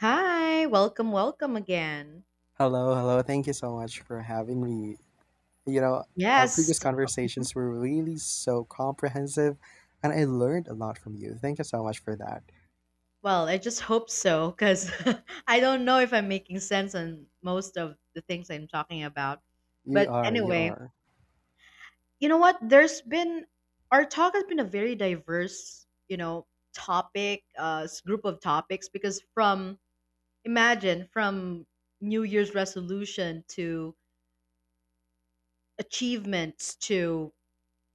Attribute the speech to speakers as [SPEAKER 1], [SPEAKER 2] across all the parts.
[SPEAKER 1] Hi, welcome again.
[SPEAKER 2] Hello, hello. Thank you so much for having me. You know, our previous
[SPEAKER 1] Yes. Mhm.
[SPEAKER 2] conversations were really so comprehensive, and I learned a lot from you. Thank you so much for that.
[SPEAKER 1] Well, I just hope so because I don't know if I'm making sense on most of the things I'm talking about.
[SPEAKER 2] You
[SPEAKER 1] But
[SPEAKER 2] are, you
[SPEAKER 1] anyway,
[SPEAKER 2] are.
[SPEAKER 1] you know what? Our talk has been a very diverse, you know, topic, group of topics because imagine, from New Year's resolution to achievements to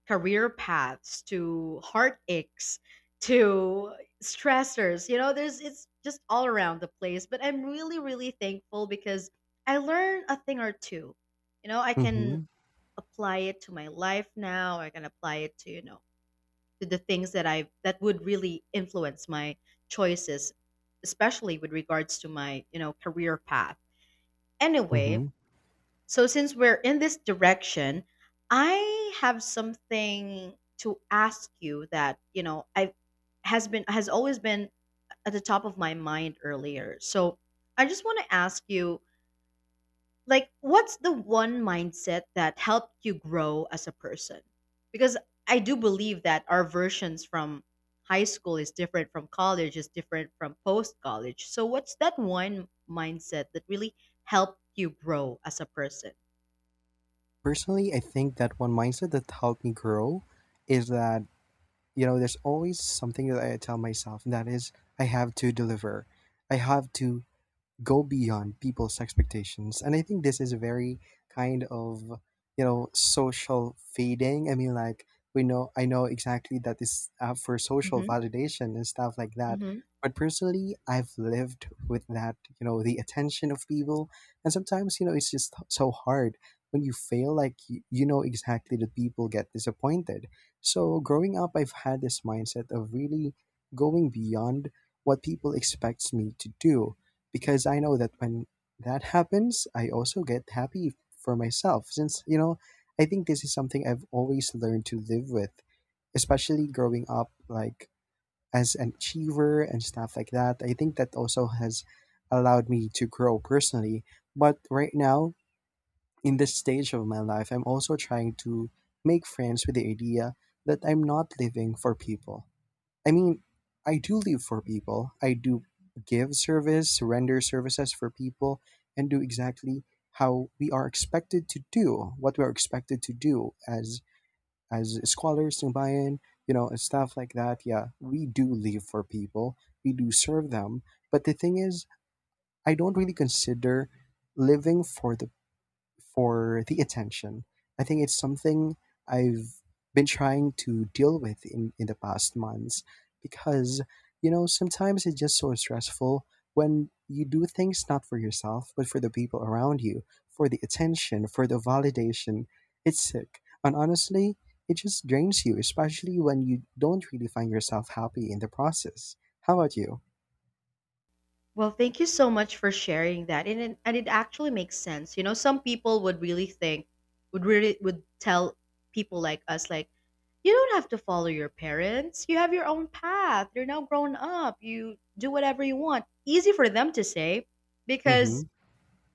[SPEAKER 1] career paths to heartaches to stressors, you know, there's it's just all around the place, but I'm really thankful because I learned a thing or two. You know, I can
[SPEAKER 2] Mm-hmm.
[SPEAKER 1] apply it to my life now. I can apply it to, you know, to the things that I that would really influence my choices, especially with regards to my, you know, career path. Anyway,
[SPEAKER 2] Mm-hmm.
[SPEAKER 1] so since we're in this direction, I have something to ask you that, you know, I has been has always been at the top of my mind earlier. So I just want to ask you, like, what's the one mindset that helped you grow as a person? Because I do believe that our versions from high school is different from college is different from post college. So what's that one mindset that really helped you grow as a person?
[SPEAKER 2] Personally, I think that one mindset that helped me grow is that, you know, there's always something that I tell myself, and that is, I have to deliver. I have to go beyond people's expectations. And I think this is very kind of, you know, social fading. I mean, like, we know I know exactly that is for social
[SPEAKER 1] Mm-hmm.
[SPEAKER 2] validation and stuff like that.
[SPEAKER 1] Hmm.
[SPEAKER 2] But personally, I've lived with that, you know, the attention of people. And sometimes, you know, it's just so hard when you fail. Like, you know exactly that people get disappointed. So growing up, I've had this mindset of really going beyond what people expects me to do, because I know that when that happens, I also get happy for myself. Since, you know, I think this is something I've always learned to live with, especially growing up, like as an achiever and stuff like that. I think that also has allowed me to grow personally. But right now, in this stage of my life, I'm also trying to make friends with the idea that I'm not living for people. I mean, I do live for people. I do give service, render services for people, and do exactly how we are expected to do, what we are expected to do, as scholars, Nubayan, you know, and stuff like that. Yeah, we do live for people. We do serve them. But the thing is, I don't really consider living for the attention. I think it's something I've been trying to deal with in the past months, because, you know, sometimes it's just so stressful when you do things not for yourself, but for the people around you, for the attention, for the validation. It's sick. And honestly, it just drains you, especially when you don't really find yourself happy in the process. How about you?
[SPEAKER 1] Well, thank you so much for sharing that, and it actually makes sense. You know, some people would really think, would tell people like us, like, you don't have to follow your parents. You have your own path. You're now grown up. You do whatever you want. Easy for them to say
[SPEAKER 2] Mm hmm.
[SPEAKER 1] because,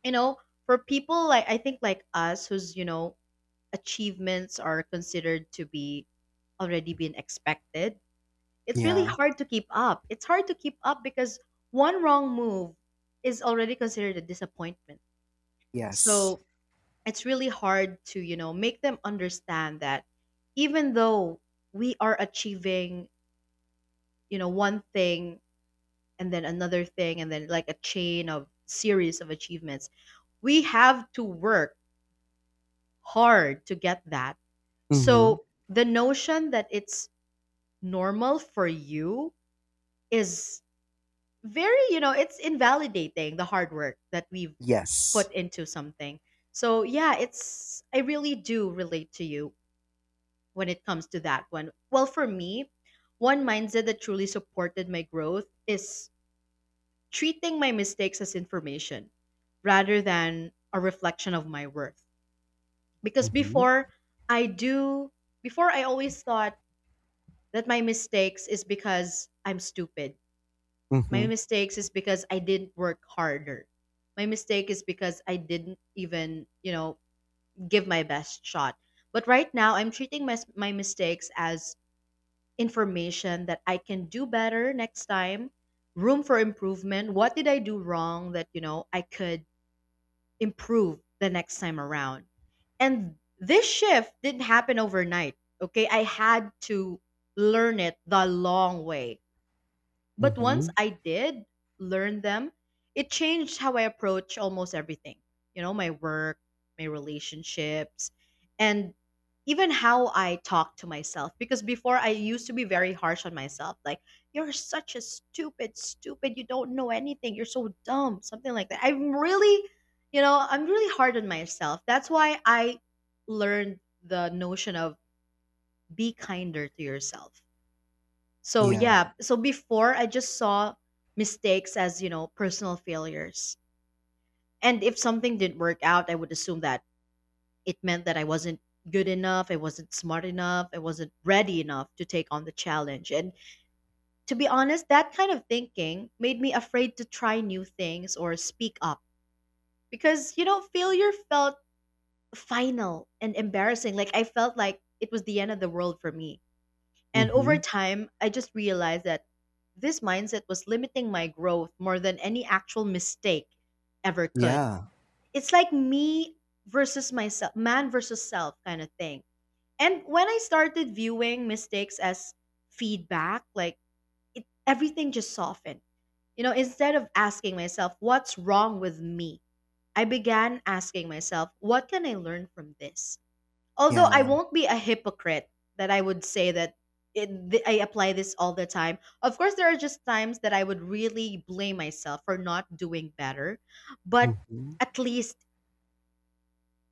[SPEAKER 1] you know, for people like, I think, like us whose, you know, achievements are considered to be already been expected, it's really
[SPEAKER 2] Yeah.
[SPEAKER 1] hard to keep up. It's hard to keep up because one wrong move is already considered a disappointment.
[SPEAKER 2] Yes.
[SPEAKER 1] So it's really hard to, you know, make them understand that even though we are achieving, you know, one thing and then another thing and then like a chain of series of achievements, we have to work hard to get that.
[SPEAKER 2] Mm hmm.
[SPEAKER 1] So the notion that it's normal for you is very, you know, it's invalidating the hard work that we've
[SPEAKER 2] Yes.
[SPEAKER 1] put into something. So yeah, it's, I really do relate to you when it comes to that one. Well, for me, one mindset that truly supported my growth is treating my mistakes as information rather than a reflection of my worth. Because
[SPEAKER 2] Mm hmm.
[SPEAKER 1] before, I do before I always thought that my mistakes is because I'm stupid.
[SPEAKER 2] Mm hmm.
[SPEAKER 1] My mistakes is because I didn't work harder. My mistake is because I didn't even, you know, give my best shot. But right now, I'm treating my mistakes as information that I can do better next time, room for improvement. What did I do wrong that, you know, I could improve the next time around? And this shift didn't happen overnight. Okay. I had to learn it the long way, but once
[SPEAKER 2] Mhm.
[SPEAKER 1] I did learn them, it changed how I approach almost everything. You know, my work, my relationships, and even how I talk to myself. Because before I used to be very harsh on myself, like, you're such a stupid, you don't know anything, you're so dumb, something like that. I'm really, you know, I'm really hard on myself. That's why I learned the notion of be kinder to yourself. So
[SPEAKER 2] Yeah.
[SPEAKER 1] yeah, so before I just saw mistakes as, you know, personal failures. And if something didn't work out, I would assume that it meant that I wasn't good enough, I wasn't smart enough, I wasn't ready enough to take on the challenge. And to be honest, that kind of thinking made me afraid to try new things or speak up because, you know, failure felt final and embarrassing. Like I felt like it was the end of the world for me. And over
[SPEAKER 2] Mhm.
[SPEAKER 1] time, I just realized that this mindset was limiting my growth more than any actual mistake ever could.
[SPEAKER 2] Yeah.
[SPEAKER 1] It's like me versus myself, man versus self kind of thing. And when I started viewing mistakes as feedback, like everything just softened. You know, instead of asking myself, what's wrong with me? I began asking myself, what can I learn from this? Although I
[SPEAKER 2] Yeah.
[SPEAKER 1] won't be a hypocrite that I would say that I apply this all the time. Of course, there are just times that I would really blame myself for not doing better, but
[SPEAKER 2] Mhm.
[SPEAKER 1] at least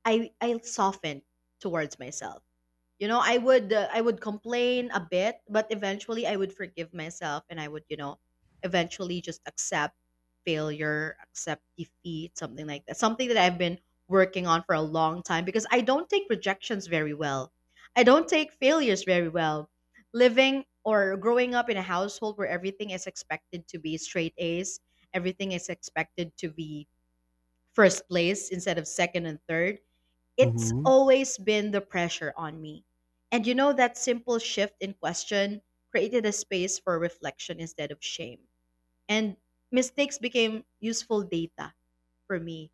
[SPEAKER 1] I soften towards myself. You know, I would complain a bit, but eventually I would forgive myself and I would, you know, eventually just accept failure, accept defeat, something like that. Something that I've been working on for a long time because I don't take rejections very well. I don't take failures very well. Living or growing up in a household where everything is expected to be straight A's, everything is expected to be first place instead of second and third, it's
[SPEAKER 2] Mhm.
[SPEAKER 1] always been the pressure on me. And you know, that simple shift in question created a space for reflection instead of shame. And mistakes became useful data for me,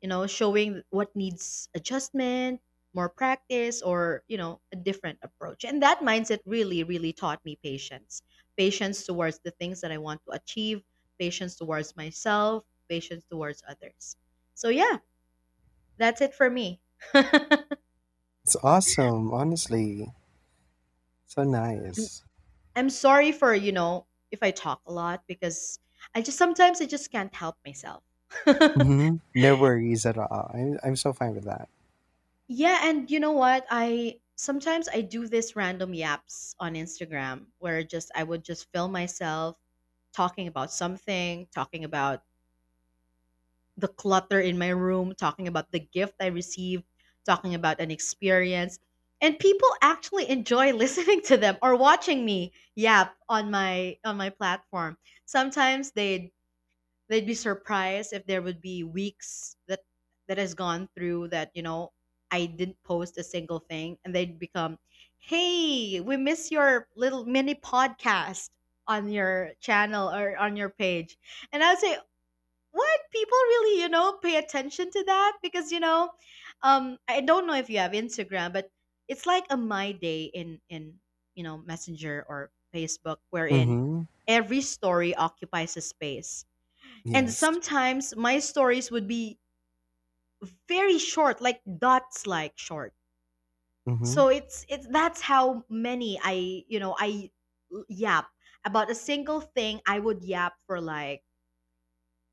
[SPEAKER 1] you know, showing what needs adjustment, more practice, or, you know, a different approach. And that mindset really taught me patience, patience towards the things that I want to achieve, patience towards myself, patience towards others. So, yeah, that's it for me.
[SPEAKER 2] It's awesome, honestly. So nice.
[SPEAKER 1] I'm sorry for, you know, if I talk a lot because I just sometimes I just can't help myself.
[SPEAKER 2] Mhm. No worries at all. I'm so fine with that.
[SPEAKER 1] Yeah, and you know what? I do this random yaps on Instagram where just I would just film myself talking about something, talking about the clutter in my room, talking about the gift I received, talking about an experience. And people actually enjoy listening to them or watching me yap on my platform. Sometimes they'd be surprised if there would be weeks that has gone through that, you know, I didn't post a single thing, and they'd become, "Hey, we miss your little mini podcast on your channel or on your page," and I'd say. What, people really, you know, pay attention to that because, you know, I don't know if you have Instagram, but it's like a my day in you know Messenger or Facebook, wherein
[SPEAKER 2] Mhm.
[SPEAKER 1] every story occupies a space. And
[SPEAKER 2] Yes.
[SPEAKER 1] sometimes my stories would be very short, like dots like short.
[SPEAKER 2] Mhm.
[SPEAKER 1] So it's that's how many I, you know, yap about a single thing. I would yap for like,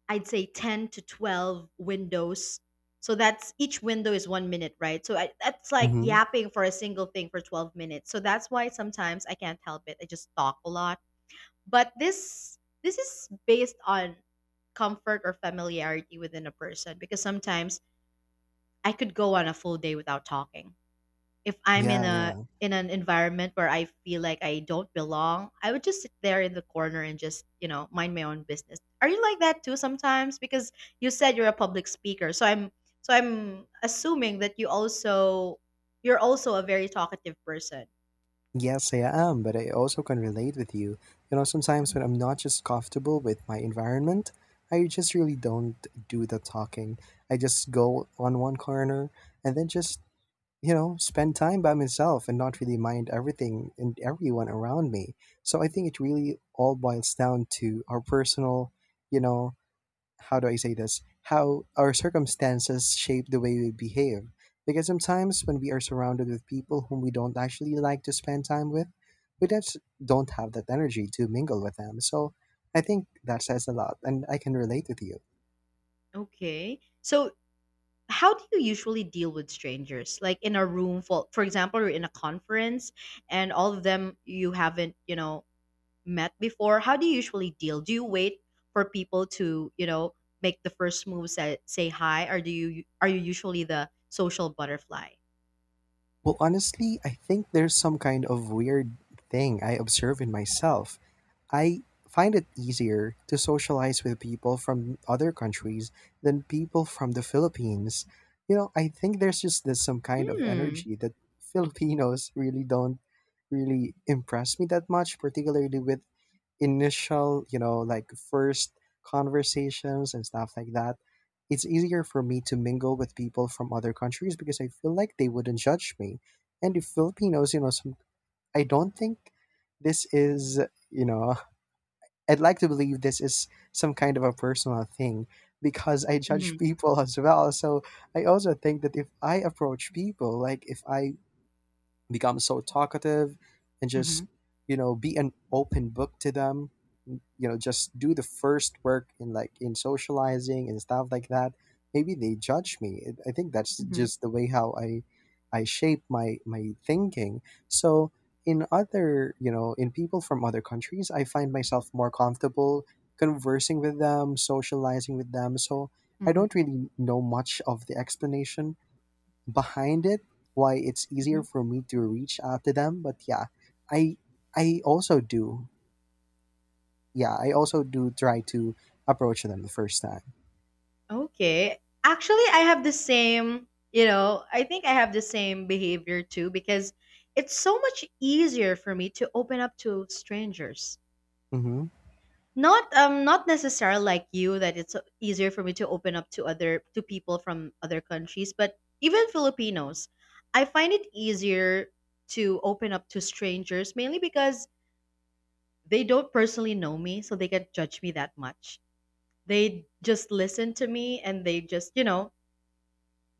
[SPEAKER 1] I'd say 10 to 12 windows. So that's, each window is 1 minute, right? So that's like
[SPEAKER 2] Mhm.
[SPEAKER 1] yapping for a single thing for 12 minutes. So that's why sometimes I can't help it. I just talk a lot. But this is based on comfort or familiarity within a person because sometimes I could go on a full day without talking. If I'm in
[SPEAKER 2] Yeah,
[SPEAKER 1] a
[SPEAKER 2] yeah.
[SPEAKER 1] in an environment where I feel like I don't belong, I would just sit there in the corner and just, you know, mind my own business. Are you like that too sometimes? Because you said you're a public speaker. So I'm assuming that you're also a very talkative person.
[SPEAKER 2] Yes, I am, but I also can relate with you. You know, sometimes
[SPEAKER 1] Mhm.
[SPEAKER 2] when I'm not just comfortable with my environment, I just really don't do the talking. I just go on one corner and then just, you know, spend time by myself and not really mind everything and everyone around me. So I think it really all boils down to our personal, you know, how do I say this? How our circumstances shape the way we behave. Because sometimes when we are surrounded with people whom we don't actually like to spend time with, we just don't have that energy to mingle with them. So I think that says a lot, and I can relate with you.
[SPEAKER 1] Okay. So how do you usually deal with strangers, like in a room full, for example, you're in a conference and all of them you haven't, you know, met before, how do you usually deal? Do you wait for people to, you know, make the first move, say, say hi, or do you, are you usually the social butterfly?
[SPEAKER 2] Well, honestly, I think there's some kind of weird thing I observe in myself. I find it easier to socialize with people from other countries than people from the Philippines. You know, I think there's just this some kind of
[SPEAKER 1] Mm.
[SPEAKER 2] energy that Filipinos really don't really impress me that much, particularly with initial, you know, like first conversations and stuff like that. It's easier for me to mingle with people from other countries because I feel like they wouldn't judge me. And the Filipinos, you know, some, I don't think this is, you know, I'd like to believe this is some kind of a personal thing, because I judge
[SPEAKER 1] Mm-hmm.
[SPEAKER 2] people as well. So I also think that if I approach people, like if I become so talkative and just,
[SPEAKER 1] Mm-hmm.
[SPEAKER 2] you know, be an open book to them, you know, just do the first work in, like in socializing and stuff like that, maybe they judge me. I think that's
[SPEAKER 1] Mm-hmm.
[SPEAKER 2] just the way how I shape my thinking. So, in people from other countries, I find myself more comfortable conversing with them, socializing with them. So I
[SPEAKER 1] Mm-hmm.
[SPEAKER 2] don't really know much of the explanation behind it, why it's easier for me to reach out to them. But yeah, I I also do yeah I also do try to approach them the first time.
[SPEAKER 1] Okay. Actually, I have the same, you know, I think I have the same behavior too because it's so much easier for me to open up to strangers.
[SPEAKER 2] Mm-hmm.
[SPEAKER 1] Not not necessarily like you that it's easier for me to open up to other, to people from other countries, but even Filipinos, I find it easier to open up to strangers mainly because they don't personally know me, so they can't judge me that much. They just listen to me and they just, you know,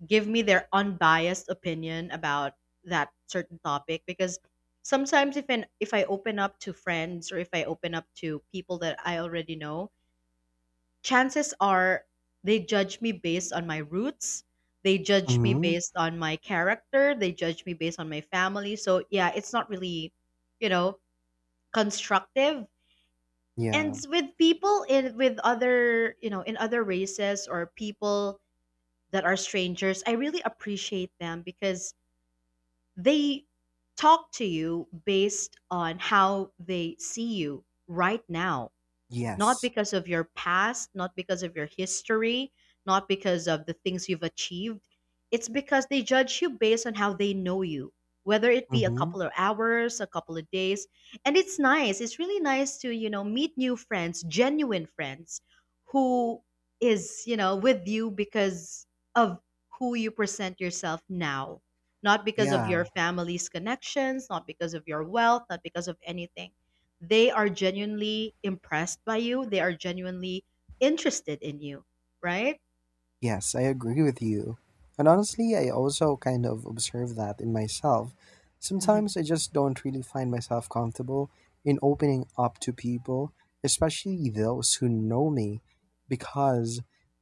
[SPEAKER 1] give me their unbiased opinion about that certain topic because sometimes if I open up to friends or if I open up to people that I already know, chances are they judge me based on my roots, they judge me
[SPEAKER 2] Mm-hmm.
[SPEAKER 1] based on my character, they judge me based on my family. So yeah, it's not really, you know, constructive. And
[SPEAKER 2] Yeah.
[SPEAKER 1] with people in, with other, you know, in other races or people that are strangers, I really appreciate them because they talk to you based on how they see you right now, not
[SPEAKER 2] Yes.
[SPEAKER 1] because of your past, not because of your history, not because of the things you've achieved. It's because they judge you based on how they know you, whether it be a
[SPEAKER 2] Mm-hmm.
[SPEAKER 1] couple of hours, a couple of days. And it's nice. It's really nice to, you know, meet new friends, genuine friends who is, you know, with you because of who you present yourself now, not because of
[SPEAKER 2] Yeah.
[SPEAKER 1] your family's connections, not because of your wealth, not because of anything. They are genuinely impressed by you. They are genuinely interested in you, right?
[SPEAKER 2] Yes, I agree with you. And honestly, I also kind of observe that in myself.
[SPEAKER 1] Hmm.
[SPEAKER 2] Sometimes I just don't really find myself comfortable in opening up to people, especially those who know me, because,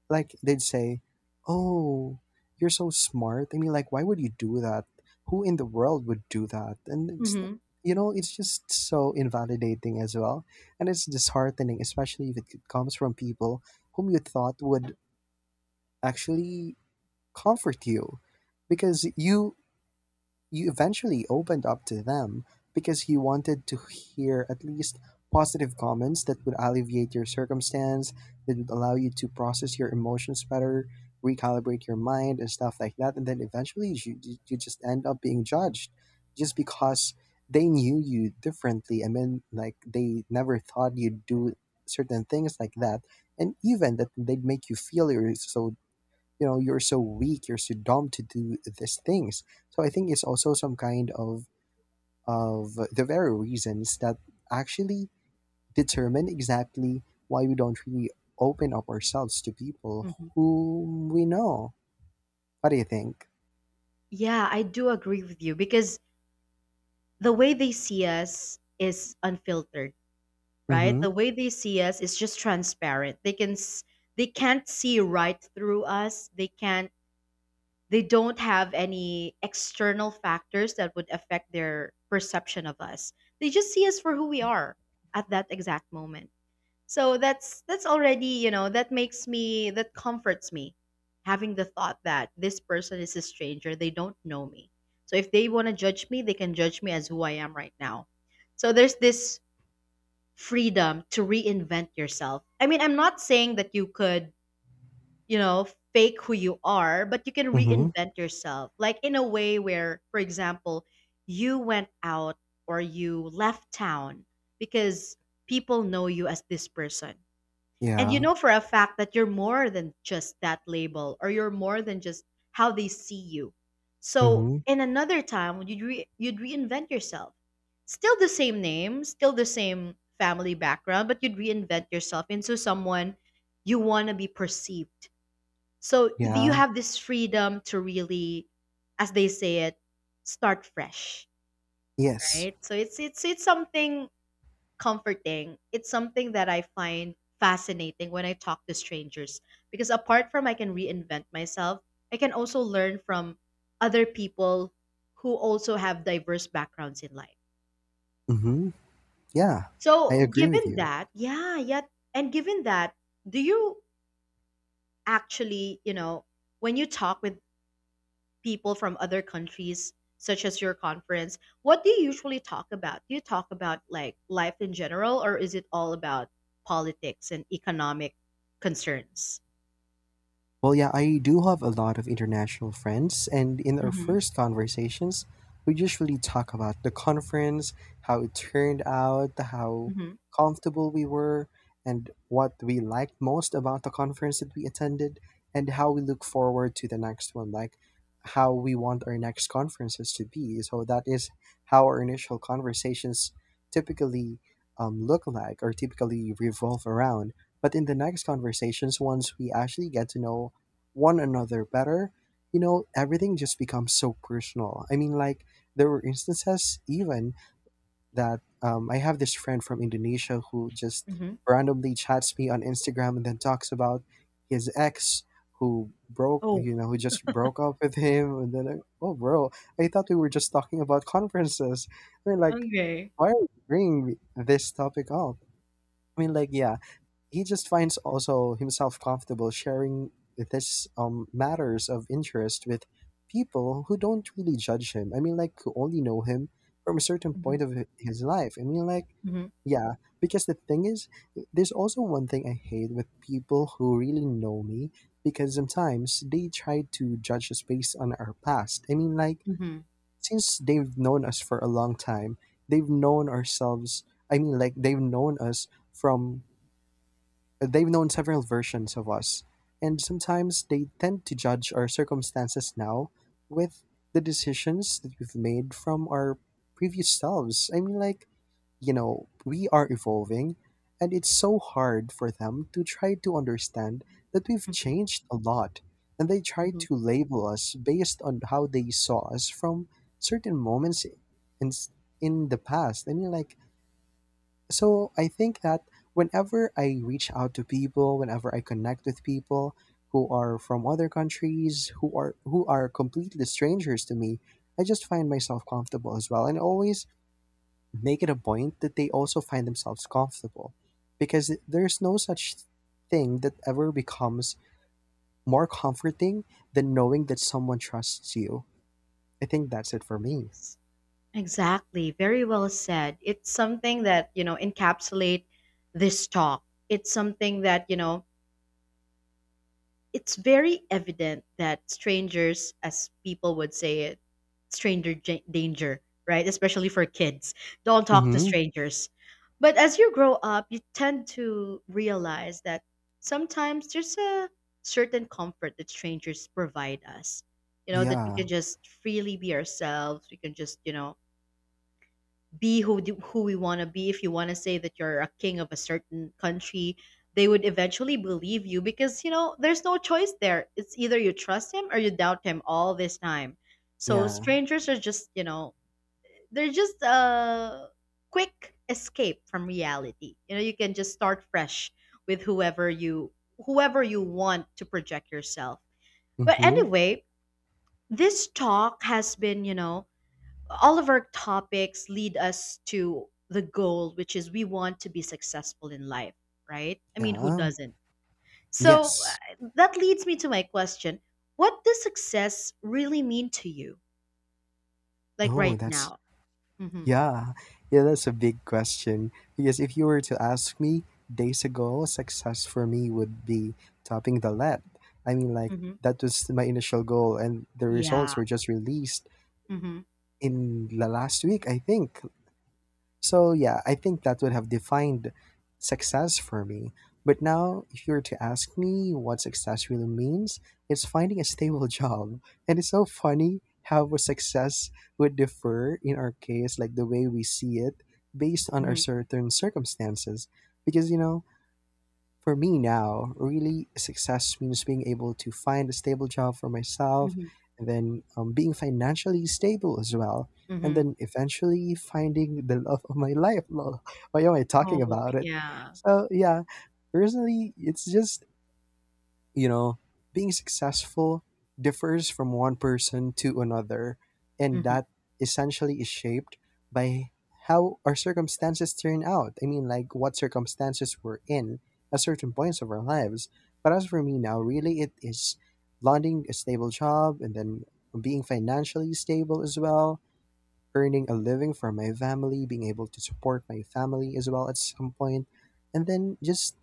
[SPEAKER 2] like, they'd say, "Oh, you're so smart. I mean, like, why would you do that? Who in the world would do that?" And it's,
[SPEAKER 1] Hmm.
[SPEAKER 2] you know, it's just so invalidating as well. And it's disheartening, especially if it comes from people whom you thought would actually comfort you, because
[SPEAKER 1] Hmm.
[SPEAKER 2] you eventually opened up to them because you wanted to hear at least positive comments that would alleviate your circumstance, that would allow you to process your emotions better, recalibrate your mind and stuff like that. And then eventually you just end up being judged, just because they knew you differently. I mean, like, they never thought you'd do certain things like that. And even that, they'd make you feel you're so weak, you're so dumb to do these things. So I think it's also some kind of the very reasons that actually determine exactly why we don't really open up ourselves to people
[SPEAKER 1] Hmm.
[SPEAKER 2] whom we know. What do you think?
[SPEAKER 1] Yeah, I do agree with you because the way they see us is unfiltered, right? The
[SPEAKER 2] Mm-hmm.
[SPEAKER 1] way they see us is just transparent. They can't see right through us. They can't they don't have any external factors that would affect their perception of us. They just see us for who we are at that exact moment. So that's already, you know, that comforts me, having the thought that this person is a stranger, they don't know me. So if they want to judge me, they can judge me as who I am right now. So there's this freedom to reinvent yourself. I mean, I'm not saying that you could, you know, fake who you are, but you can
[SPEAKER 2] Mm-hmm.
[SPEAKER 1] reinvent yourself, like in a way where, for example, you went out or you left town because people know you as this person, and you
[SPEAKER 2] Yeah.
[SPEAKER 1] know for a fact that you're more than just that label, or you're more than just how they see you. So
[SPEAKER 2] Mm-hmm.
[SPEAKER 1] in another time, you'd reinvent yourself. Still the same name, still the same family background, but you'd reinvent yourself into someone you want to be perceived. So you
[SPEAKER 2] Yeah.
[SPEAKER 1] have this freedom to really, as they say it, start fresh,
[SPEAKER 2] Yes.
[SPEAKER 1] right? So it's something comforting, it's something that I find fascinating when I talk to strangers, because apart from I can reinvent myself, I can also learn from other people who also have diverse backgrounds in life.
[SPEAKER 2] Mm-hmm. Yeah. I
[SPEAKER 1] So,
[SPEAKER 2] agree with
[SPEAKER 1] given
[SPEAKER 2] you.
[SPEAKER 1] that, yeah, yeah, and given that, do you actually, you know, when you talk with people from other countries, such as your conference, what do you usually talk about? Do you talk about like life in general, or is it all about politics and economic concerns?
[SPEAKER 2] Well, yeah, I do have a lot of international friends, and in our
[SPEAKER 1] Mm-hmm.
[SPEAKER 2] first conversations, we usually talk about the conference, how it turned out, how
[SPEAKER 1] Mm-hmm.
[SPEAKER 2] comfortable we were, and what we liked most about the conference that we attended, and how we look forward to the next one, like how we want our next conferences to be. So that is how our initial conversations typically, look like, or typically revolve around. But in the next conversations, once we actually get to know one another better, you know, everything just becomes so personal. I mean, like, there were instances even that, I have this friend from Indonesia who just
[SPEAKER 1] Mm-hmm.
[SPEAKER 2] randomly chats me on Instagram and then talks about his ex who broke,
[SPEAKER 1] Oh,
[SPEAKER 2] you know, who just broke up with him. And then, like, oh, bro, I thought we were just talking about conferences. I mean, like,
[SPEAKER 1] okay.
[SPEAKER 2] why are you bringing this topic up? I mean, like, yeah, he just finds also himself comfortable sharing this, matters of interest with people who don't really judge him. I mean, like, who only know him from a certain
[SPEAKER 1] Mm-hmm.
[SPEAKER 2] point of his life. I mean, like,
[SPEAKER 1] Mm-hmm.
[SPEAKER 2] yeah, because the thing is, there's also one thing I hate with people who really know me, because sometimes they try to judge us based on our past. I mean, like,
[SPEAKER 1] Mm-hmm.
[SPEAKER 2] since they've known us for a long time, they've known ourselves. I mean, like, they've known us from They've known several versions of us. And sometimes they tend to judge our circumstances now with the decisions that we've made from our previous selves. I mean, like, you know, we are evolving, and it's so hard for them to try to understand that we've
[SPEAKER 1] Mm-hmm.
[SPEAKER 2] changed a lot. And they try
[SPEAKER 1] Mm-hmm.
[SPEAKER 2] to label us based on how they saw us from certain moments in, in the past. I mean, like, so I think that whenever I reach out to people, whenever I connect with people who are from other countries, who are completely strangers to me, I just find myself comfortable as well. And always make it a point that they also find themselves comfortable. Because there's no such thing that ever becomes more comforting than knowing that someone trusts you. I think that's it for me.
[SPEAKER 1] Yes. Exactly. Very well said. It's something that, you know, encapsulate this talk. It's something that, you know, it's very evident that strangers, as people would say it, danger, right? Especially for kids. Don't talk to
[SPEAKER 2] Mm-hmm.
[SPEAKER 1] strangers. But as you grow up, you tend to realize that sometimes there's a certain comfort that strangers provide us. You know, that we
[SPEAKER 2] Yeah.
[SPEAKER 1] can just freely be ourselves. We can just, you know, who we want to be. If you want to say that you're a king of a certain country, they would eventually believe you, because you know there's no choice there. It's either you trust him or you doubt him all this time. So
[SPEAKER 2] Yeah.
[SPEAKER 1] strangers are just, you know, they're just a quick escape from reality. You know, you can just start fresh with whoever you want to project yourself. But
[SPEAKER 2] Mm-hmm.
[SPEAKER 1] anyway, this talk has been, you know, all of our topics lead us to the goal, which is we want to be successful in life, right? I mean, who
[SPEAKER 2] Yeah.
[SPEAKER 1] doesn't? So
[SPEAKER 2] Yes.
[SPEAKER 1] that leads me to my question. What does success really mean to you, like
[SPEAKER 2] Oh,
[SPEAKER 1] right
[SPEAKER 2] that's
[SPEAKER 1] now? Mm-hmm.
[SPEAKER 2] Yeah, yeah, that's a big question. Because if you were to ask me days ago, success for me would be topping the lead. I mean, like,
[SPEAKER 1] Mm-hmm.
[SPEAKER 2] that was my initial goal, and the
[SPEAKER 1] Yeah.
[SPEAKER 2] results were just released
[SPEAKER 1] Mm-hmm.
[SPEAKER 2] in the last week, I think. So yeah, I think that would have defined success for me. But now, if you were to ask me what success really means, it's finding a stable job. And it's so funny how a success would differ in our case, like the way we see it based on our
[SPEAKER 1] Mm-hmm.
[SPEAKER 2] certain circumstances. Because, you know, for me now, really success means being able to find a stable job for myself,
[SPEAKER 1] Mm-hmm.
[SPEAKER 2] and then, being financially stable as well. And
[SPEAKER 1] Mm-hmm.
[SPEAKER 2] then eventually finding the love of my life. Lol. Why am I talking
[SPEAKER 1] Oh,
[SPEAKER 2] about it?
[SPEAKER 1] yeah.
[SPEAKER 2] So, yeah, personally, it's just, you know, being successful differs from one person to another. And
[SPEAKER 1] Mm-hmm.
[SPEAKER 2] that essentially is shaped by how our circumstances turn out. I mean, like, what circumstances we're in at certain points of our lives. But as for me now, really it is landing a stable job, and then being financially stable as well, earning a living for my family, being able to support my family as well at some point, and then just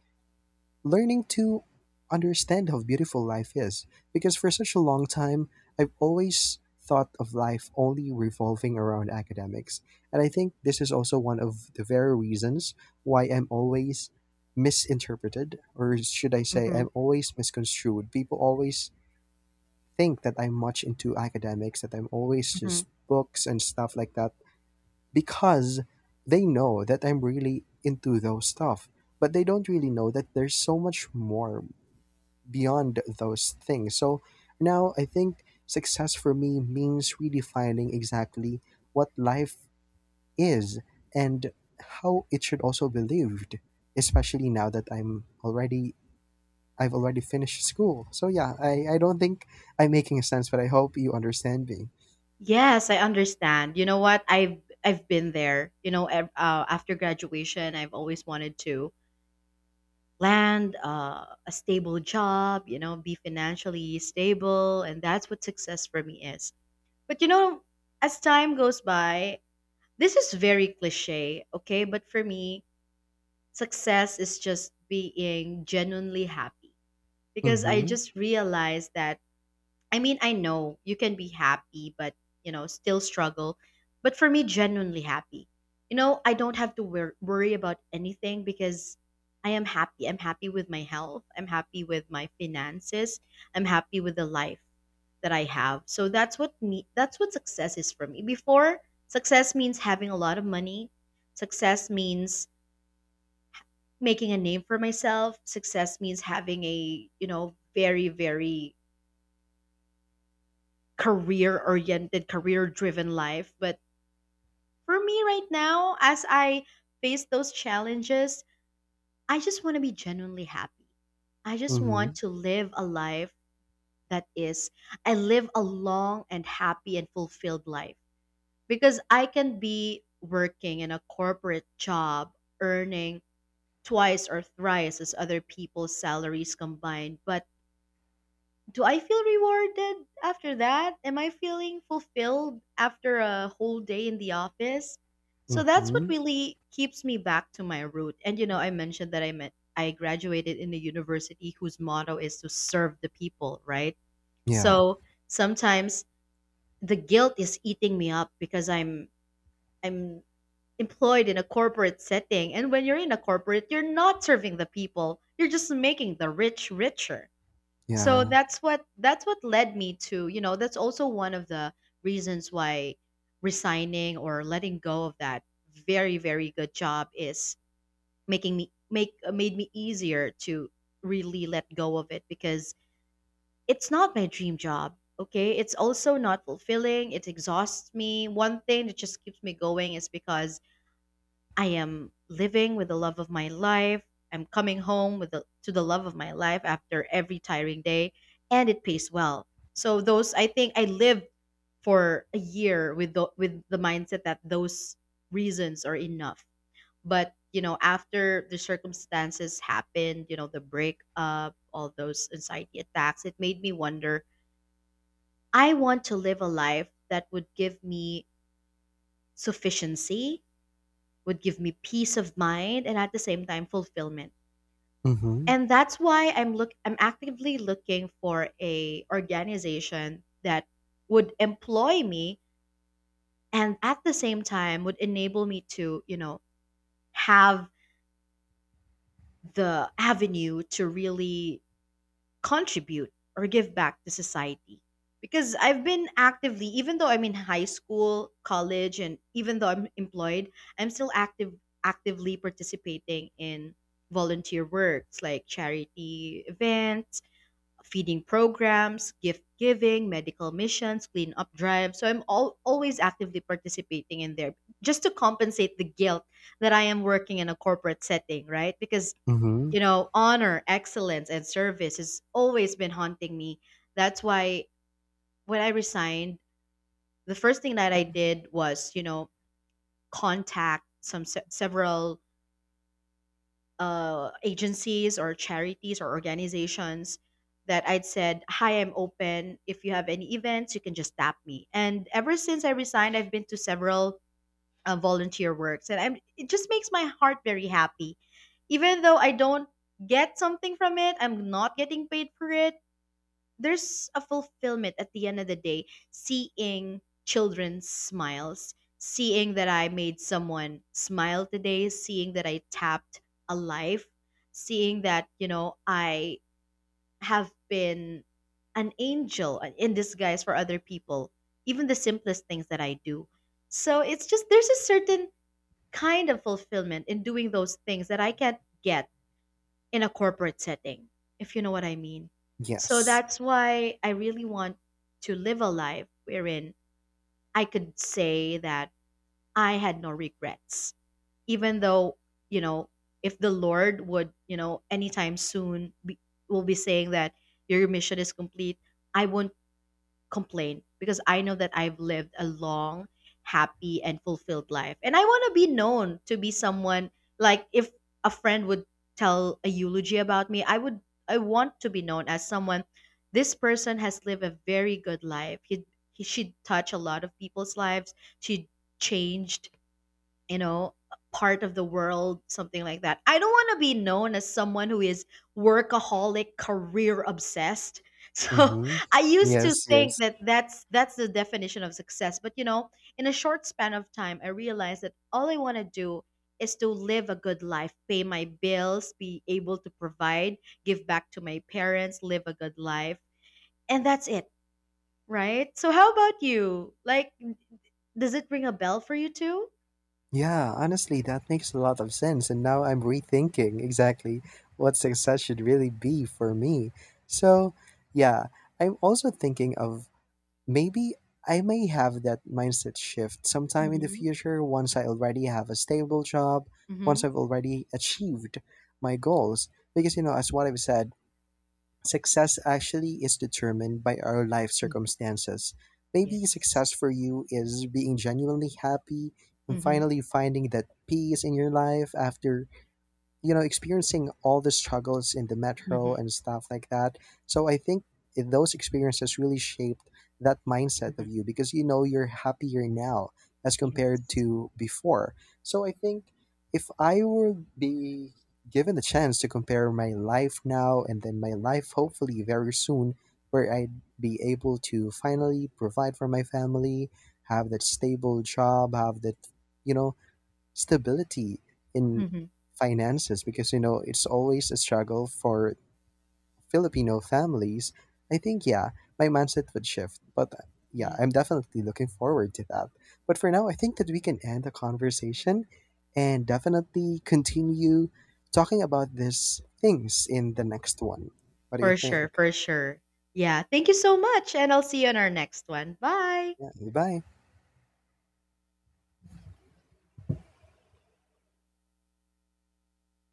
[SPEAKER 2] learning to understand how beautiful life is. Because for such a long time, I've always thought of life only revolving around academics. And I think this is also one of the very reasons why I'm always misinterpreted, or should I say,
[SPEAKER 1] Mm-hmm.
[SPEAKER 2] I'm always misconstrued. People always think that I'm much into academics, that I'm always just
[SPEAKER 1] Mm-hmm.
[SPEAKER 2] books and stuff like that, because they know that I'm really into those stuff, but they don't really know that there's so much more beyond those things. So now I think success for me means redefining exactly what life is and how it should also be lived, especially now that I've already finished school. So yeah, I don't think I'm making sense, but I hope you understand me.
[SPEAKER 1] Yes, I understand. You know what? I've been there. You know, after graduation, I've always wanted to land, a stable job, you know, be financially stable. And that's what success for me is. But, you know, as time goes by, this is very cliche, okay? But for me, success is just being genuinely happy, because I
[SPEAKER 2] Mm-hmm.
[SPEAKER 1] just realized that, I mean, I know you can be happy, but you know, still struggle. But for me, genuinely happy. You know, I don't have to worry about anything because I am happy. I'm happy with my health. I'm happy with my finances. I'm happy with the life that I have. So that's what me. That's what success is for me. Before, success means having a lot of money. Success means making a name for myself. Success means having a, you know, very career oriented, career driven life. But for me right now, as I face those challenges, I just want to be genuinely happy. I just
[SPEAKER 2] Mm-hmm.
[SPEAKER 1] want to live a life that is, I live a long and happy and fulfilled life, because I can be working in a corporate job, earning twice or thrice as other people's salaries combined, but do I feel rewarded after that? Am I feeling fulfilled after a whole day in the office? So that's what
[SPEAKER 2] Mm-hmm.
[SPEAKER 1] really keeps me back to my root. And you know, I mentioned that I graduated in a university whose motto is to serve the people, right?
[SPEAKER 2] Yeah.
[SPEAKER 1] So sometimes the guilt is eating me up because I'm employed in a corporate setting, and when you're in a corporate, you're not serving the people, you're just making the rich richer. So
[SPEAKER 2] Yeah.
[SPEAKER 1] that's what led me to, you know, that's also one of the reasons why resigning or letting go of that very good job is making me make made me easier to really let go of it, because it's not my dream job, okay? It's also not fulfilling. It exhausts me. One thing that just keeps me going is because I am living with the love of my life. I'm coming home with to the love of my life after every tiring day, and it pays well. So those, I think, I lived for a year with the mindset that those reasons are enough. But you know, after the circumstances happened, you know, the breakup, all those anxiety attacks, it made me wonder. I want to live a life that would give me sufficiency, would give me peace of mind, and at the same time fulfillment.
[SPEAKER 2] Mm-hmm.
[SPEAKER 1] And that's why I'm actively looking for a organization that would employ me, and at the same time would enable me to, you know, have the avenue to really contribute or give back to society. Because I've been actively, even though I'm in high school, college, and even though I'm employed, I'm still active actively participating in volunteer works like charity events, feeding programs, gift giving, medical missions, cleanup drives. So always actively participating in there, just to compensate the guilt that I am working in a corporate setting, right? Because,
[SPEAKER 2] Mm-hmm.
[SPEAKER 1] you know, honor, excellence, and service has always been haunting me. That's why when I resigned, the first thing that I did was, you know, contact some several agencies or charities or organizations, that I'd said, "Hi, I'm open. If you have any events, you can just tap me." And ever since I resigned, I've been to several volunteer works, and it just makes my heart very happy. Even though I don't get something from it, I'm not getting paid for it, there's a fulfillment at the end of the day, seeing children's smiles, seeing that I made someone smile today, seeing that I tapped a life, seeing that, you know, I have been an angel in disguise for other people, even the simplest things that I do. So it's just, there's a certain kind of fulfillment in doing those things that I can't get in a corporate setting, if you know what I mean. So
[SPEAKER 2] Yes.
[SPEAKER 1] that's why I really want to live a life wherein I could say that I had no regrets, even though, you know, if the Lord would, you know, anytime soon be, will be saying that your mission is complete, I won't complain because I know that I've lived a long, happy, and fulfilled life. And I want to be known to be someone, like if a friend would tell a eulogy about me, I would, I want to be known as someone, "This person has lived a very good life. He she touched a lot of people's lives. She changed, you know, part of the world," something like that. I don't want to be known as someone who is workaholic, career obsessed. So
[SPEAKER 2] Mm-hmm.
[SPEAKER 1] I used to
[SPEAKER 2] Yes,
[SPEAKER 1] think
[SPEAKER 2] yes.
[SPEAKER 1] that that's the definition of success, but you know, in a short span of time, I realized that all I want to do is to live a good life, pay my bills, be able to provide, give back to my parents, live a good life, and that's it, right? So how about you? Like, does it ring a bell for you too?
[SPEAKER 2] Yeah, honestly, that makes a lot of sense. And now I'm rethinking exactly what success should really be for me. So, yeah, I'm also thinking of maybe I may have that mindset shift sometime in the
[SPEAKER 1] Mhm.
[SPEAKER 2] future, once I already have a stable job, once
[SPEAKER 1] Mhm.
[SPEAKER 2] I've already achieved my goals. Because, you know, as what I've said, success actually is determined by our life circumstances. Maybe
[SPEAKER 1] Yes.
[SPEAKER 2] success for you is being genuinely happy and
[SPEAKER 1] Mhm,
[SPEAKER 2] finally finding that peace in your life after, you know, experiencing all the struggles in the metro
[SPEAKER 1] mhm,
[SPEAKER 2] and stuff like that. So I think, those experiences really shaped that mindset
[SPEAKER 1] mhm.
[SPEAKER 2] of you, because you know you're happier now as compared
[SPEAKER 1] Yes.
[SPEAKER 2] to before. So I think if I would be given the chance to compare my life now and then my life hopefully very soon, where I'd be able to finally provide for my family, have that stable job, have that, you know, stability in
[SPEAKER 1] Mhm.
[SPEAKER 2] finances, because you know it's always a struggle for Filipino families, I think, yeah, my mindset would shift. But yeah,
[SPEAKER 1] Yeah.
[SPEAKER 2] I'm definitely looking forward to that. But for now, I think that we can end the conversation and definitely continue talking about these things in the next one. What do you
[SPEAKER 1] For sure,
[SPEAKER 2] think?
[SPEAKER 1] for sure. Yeah. Thank you so much, and I'll see you on our next one. Bye.
[SPEAKER 2] Yeah, bye.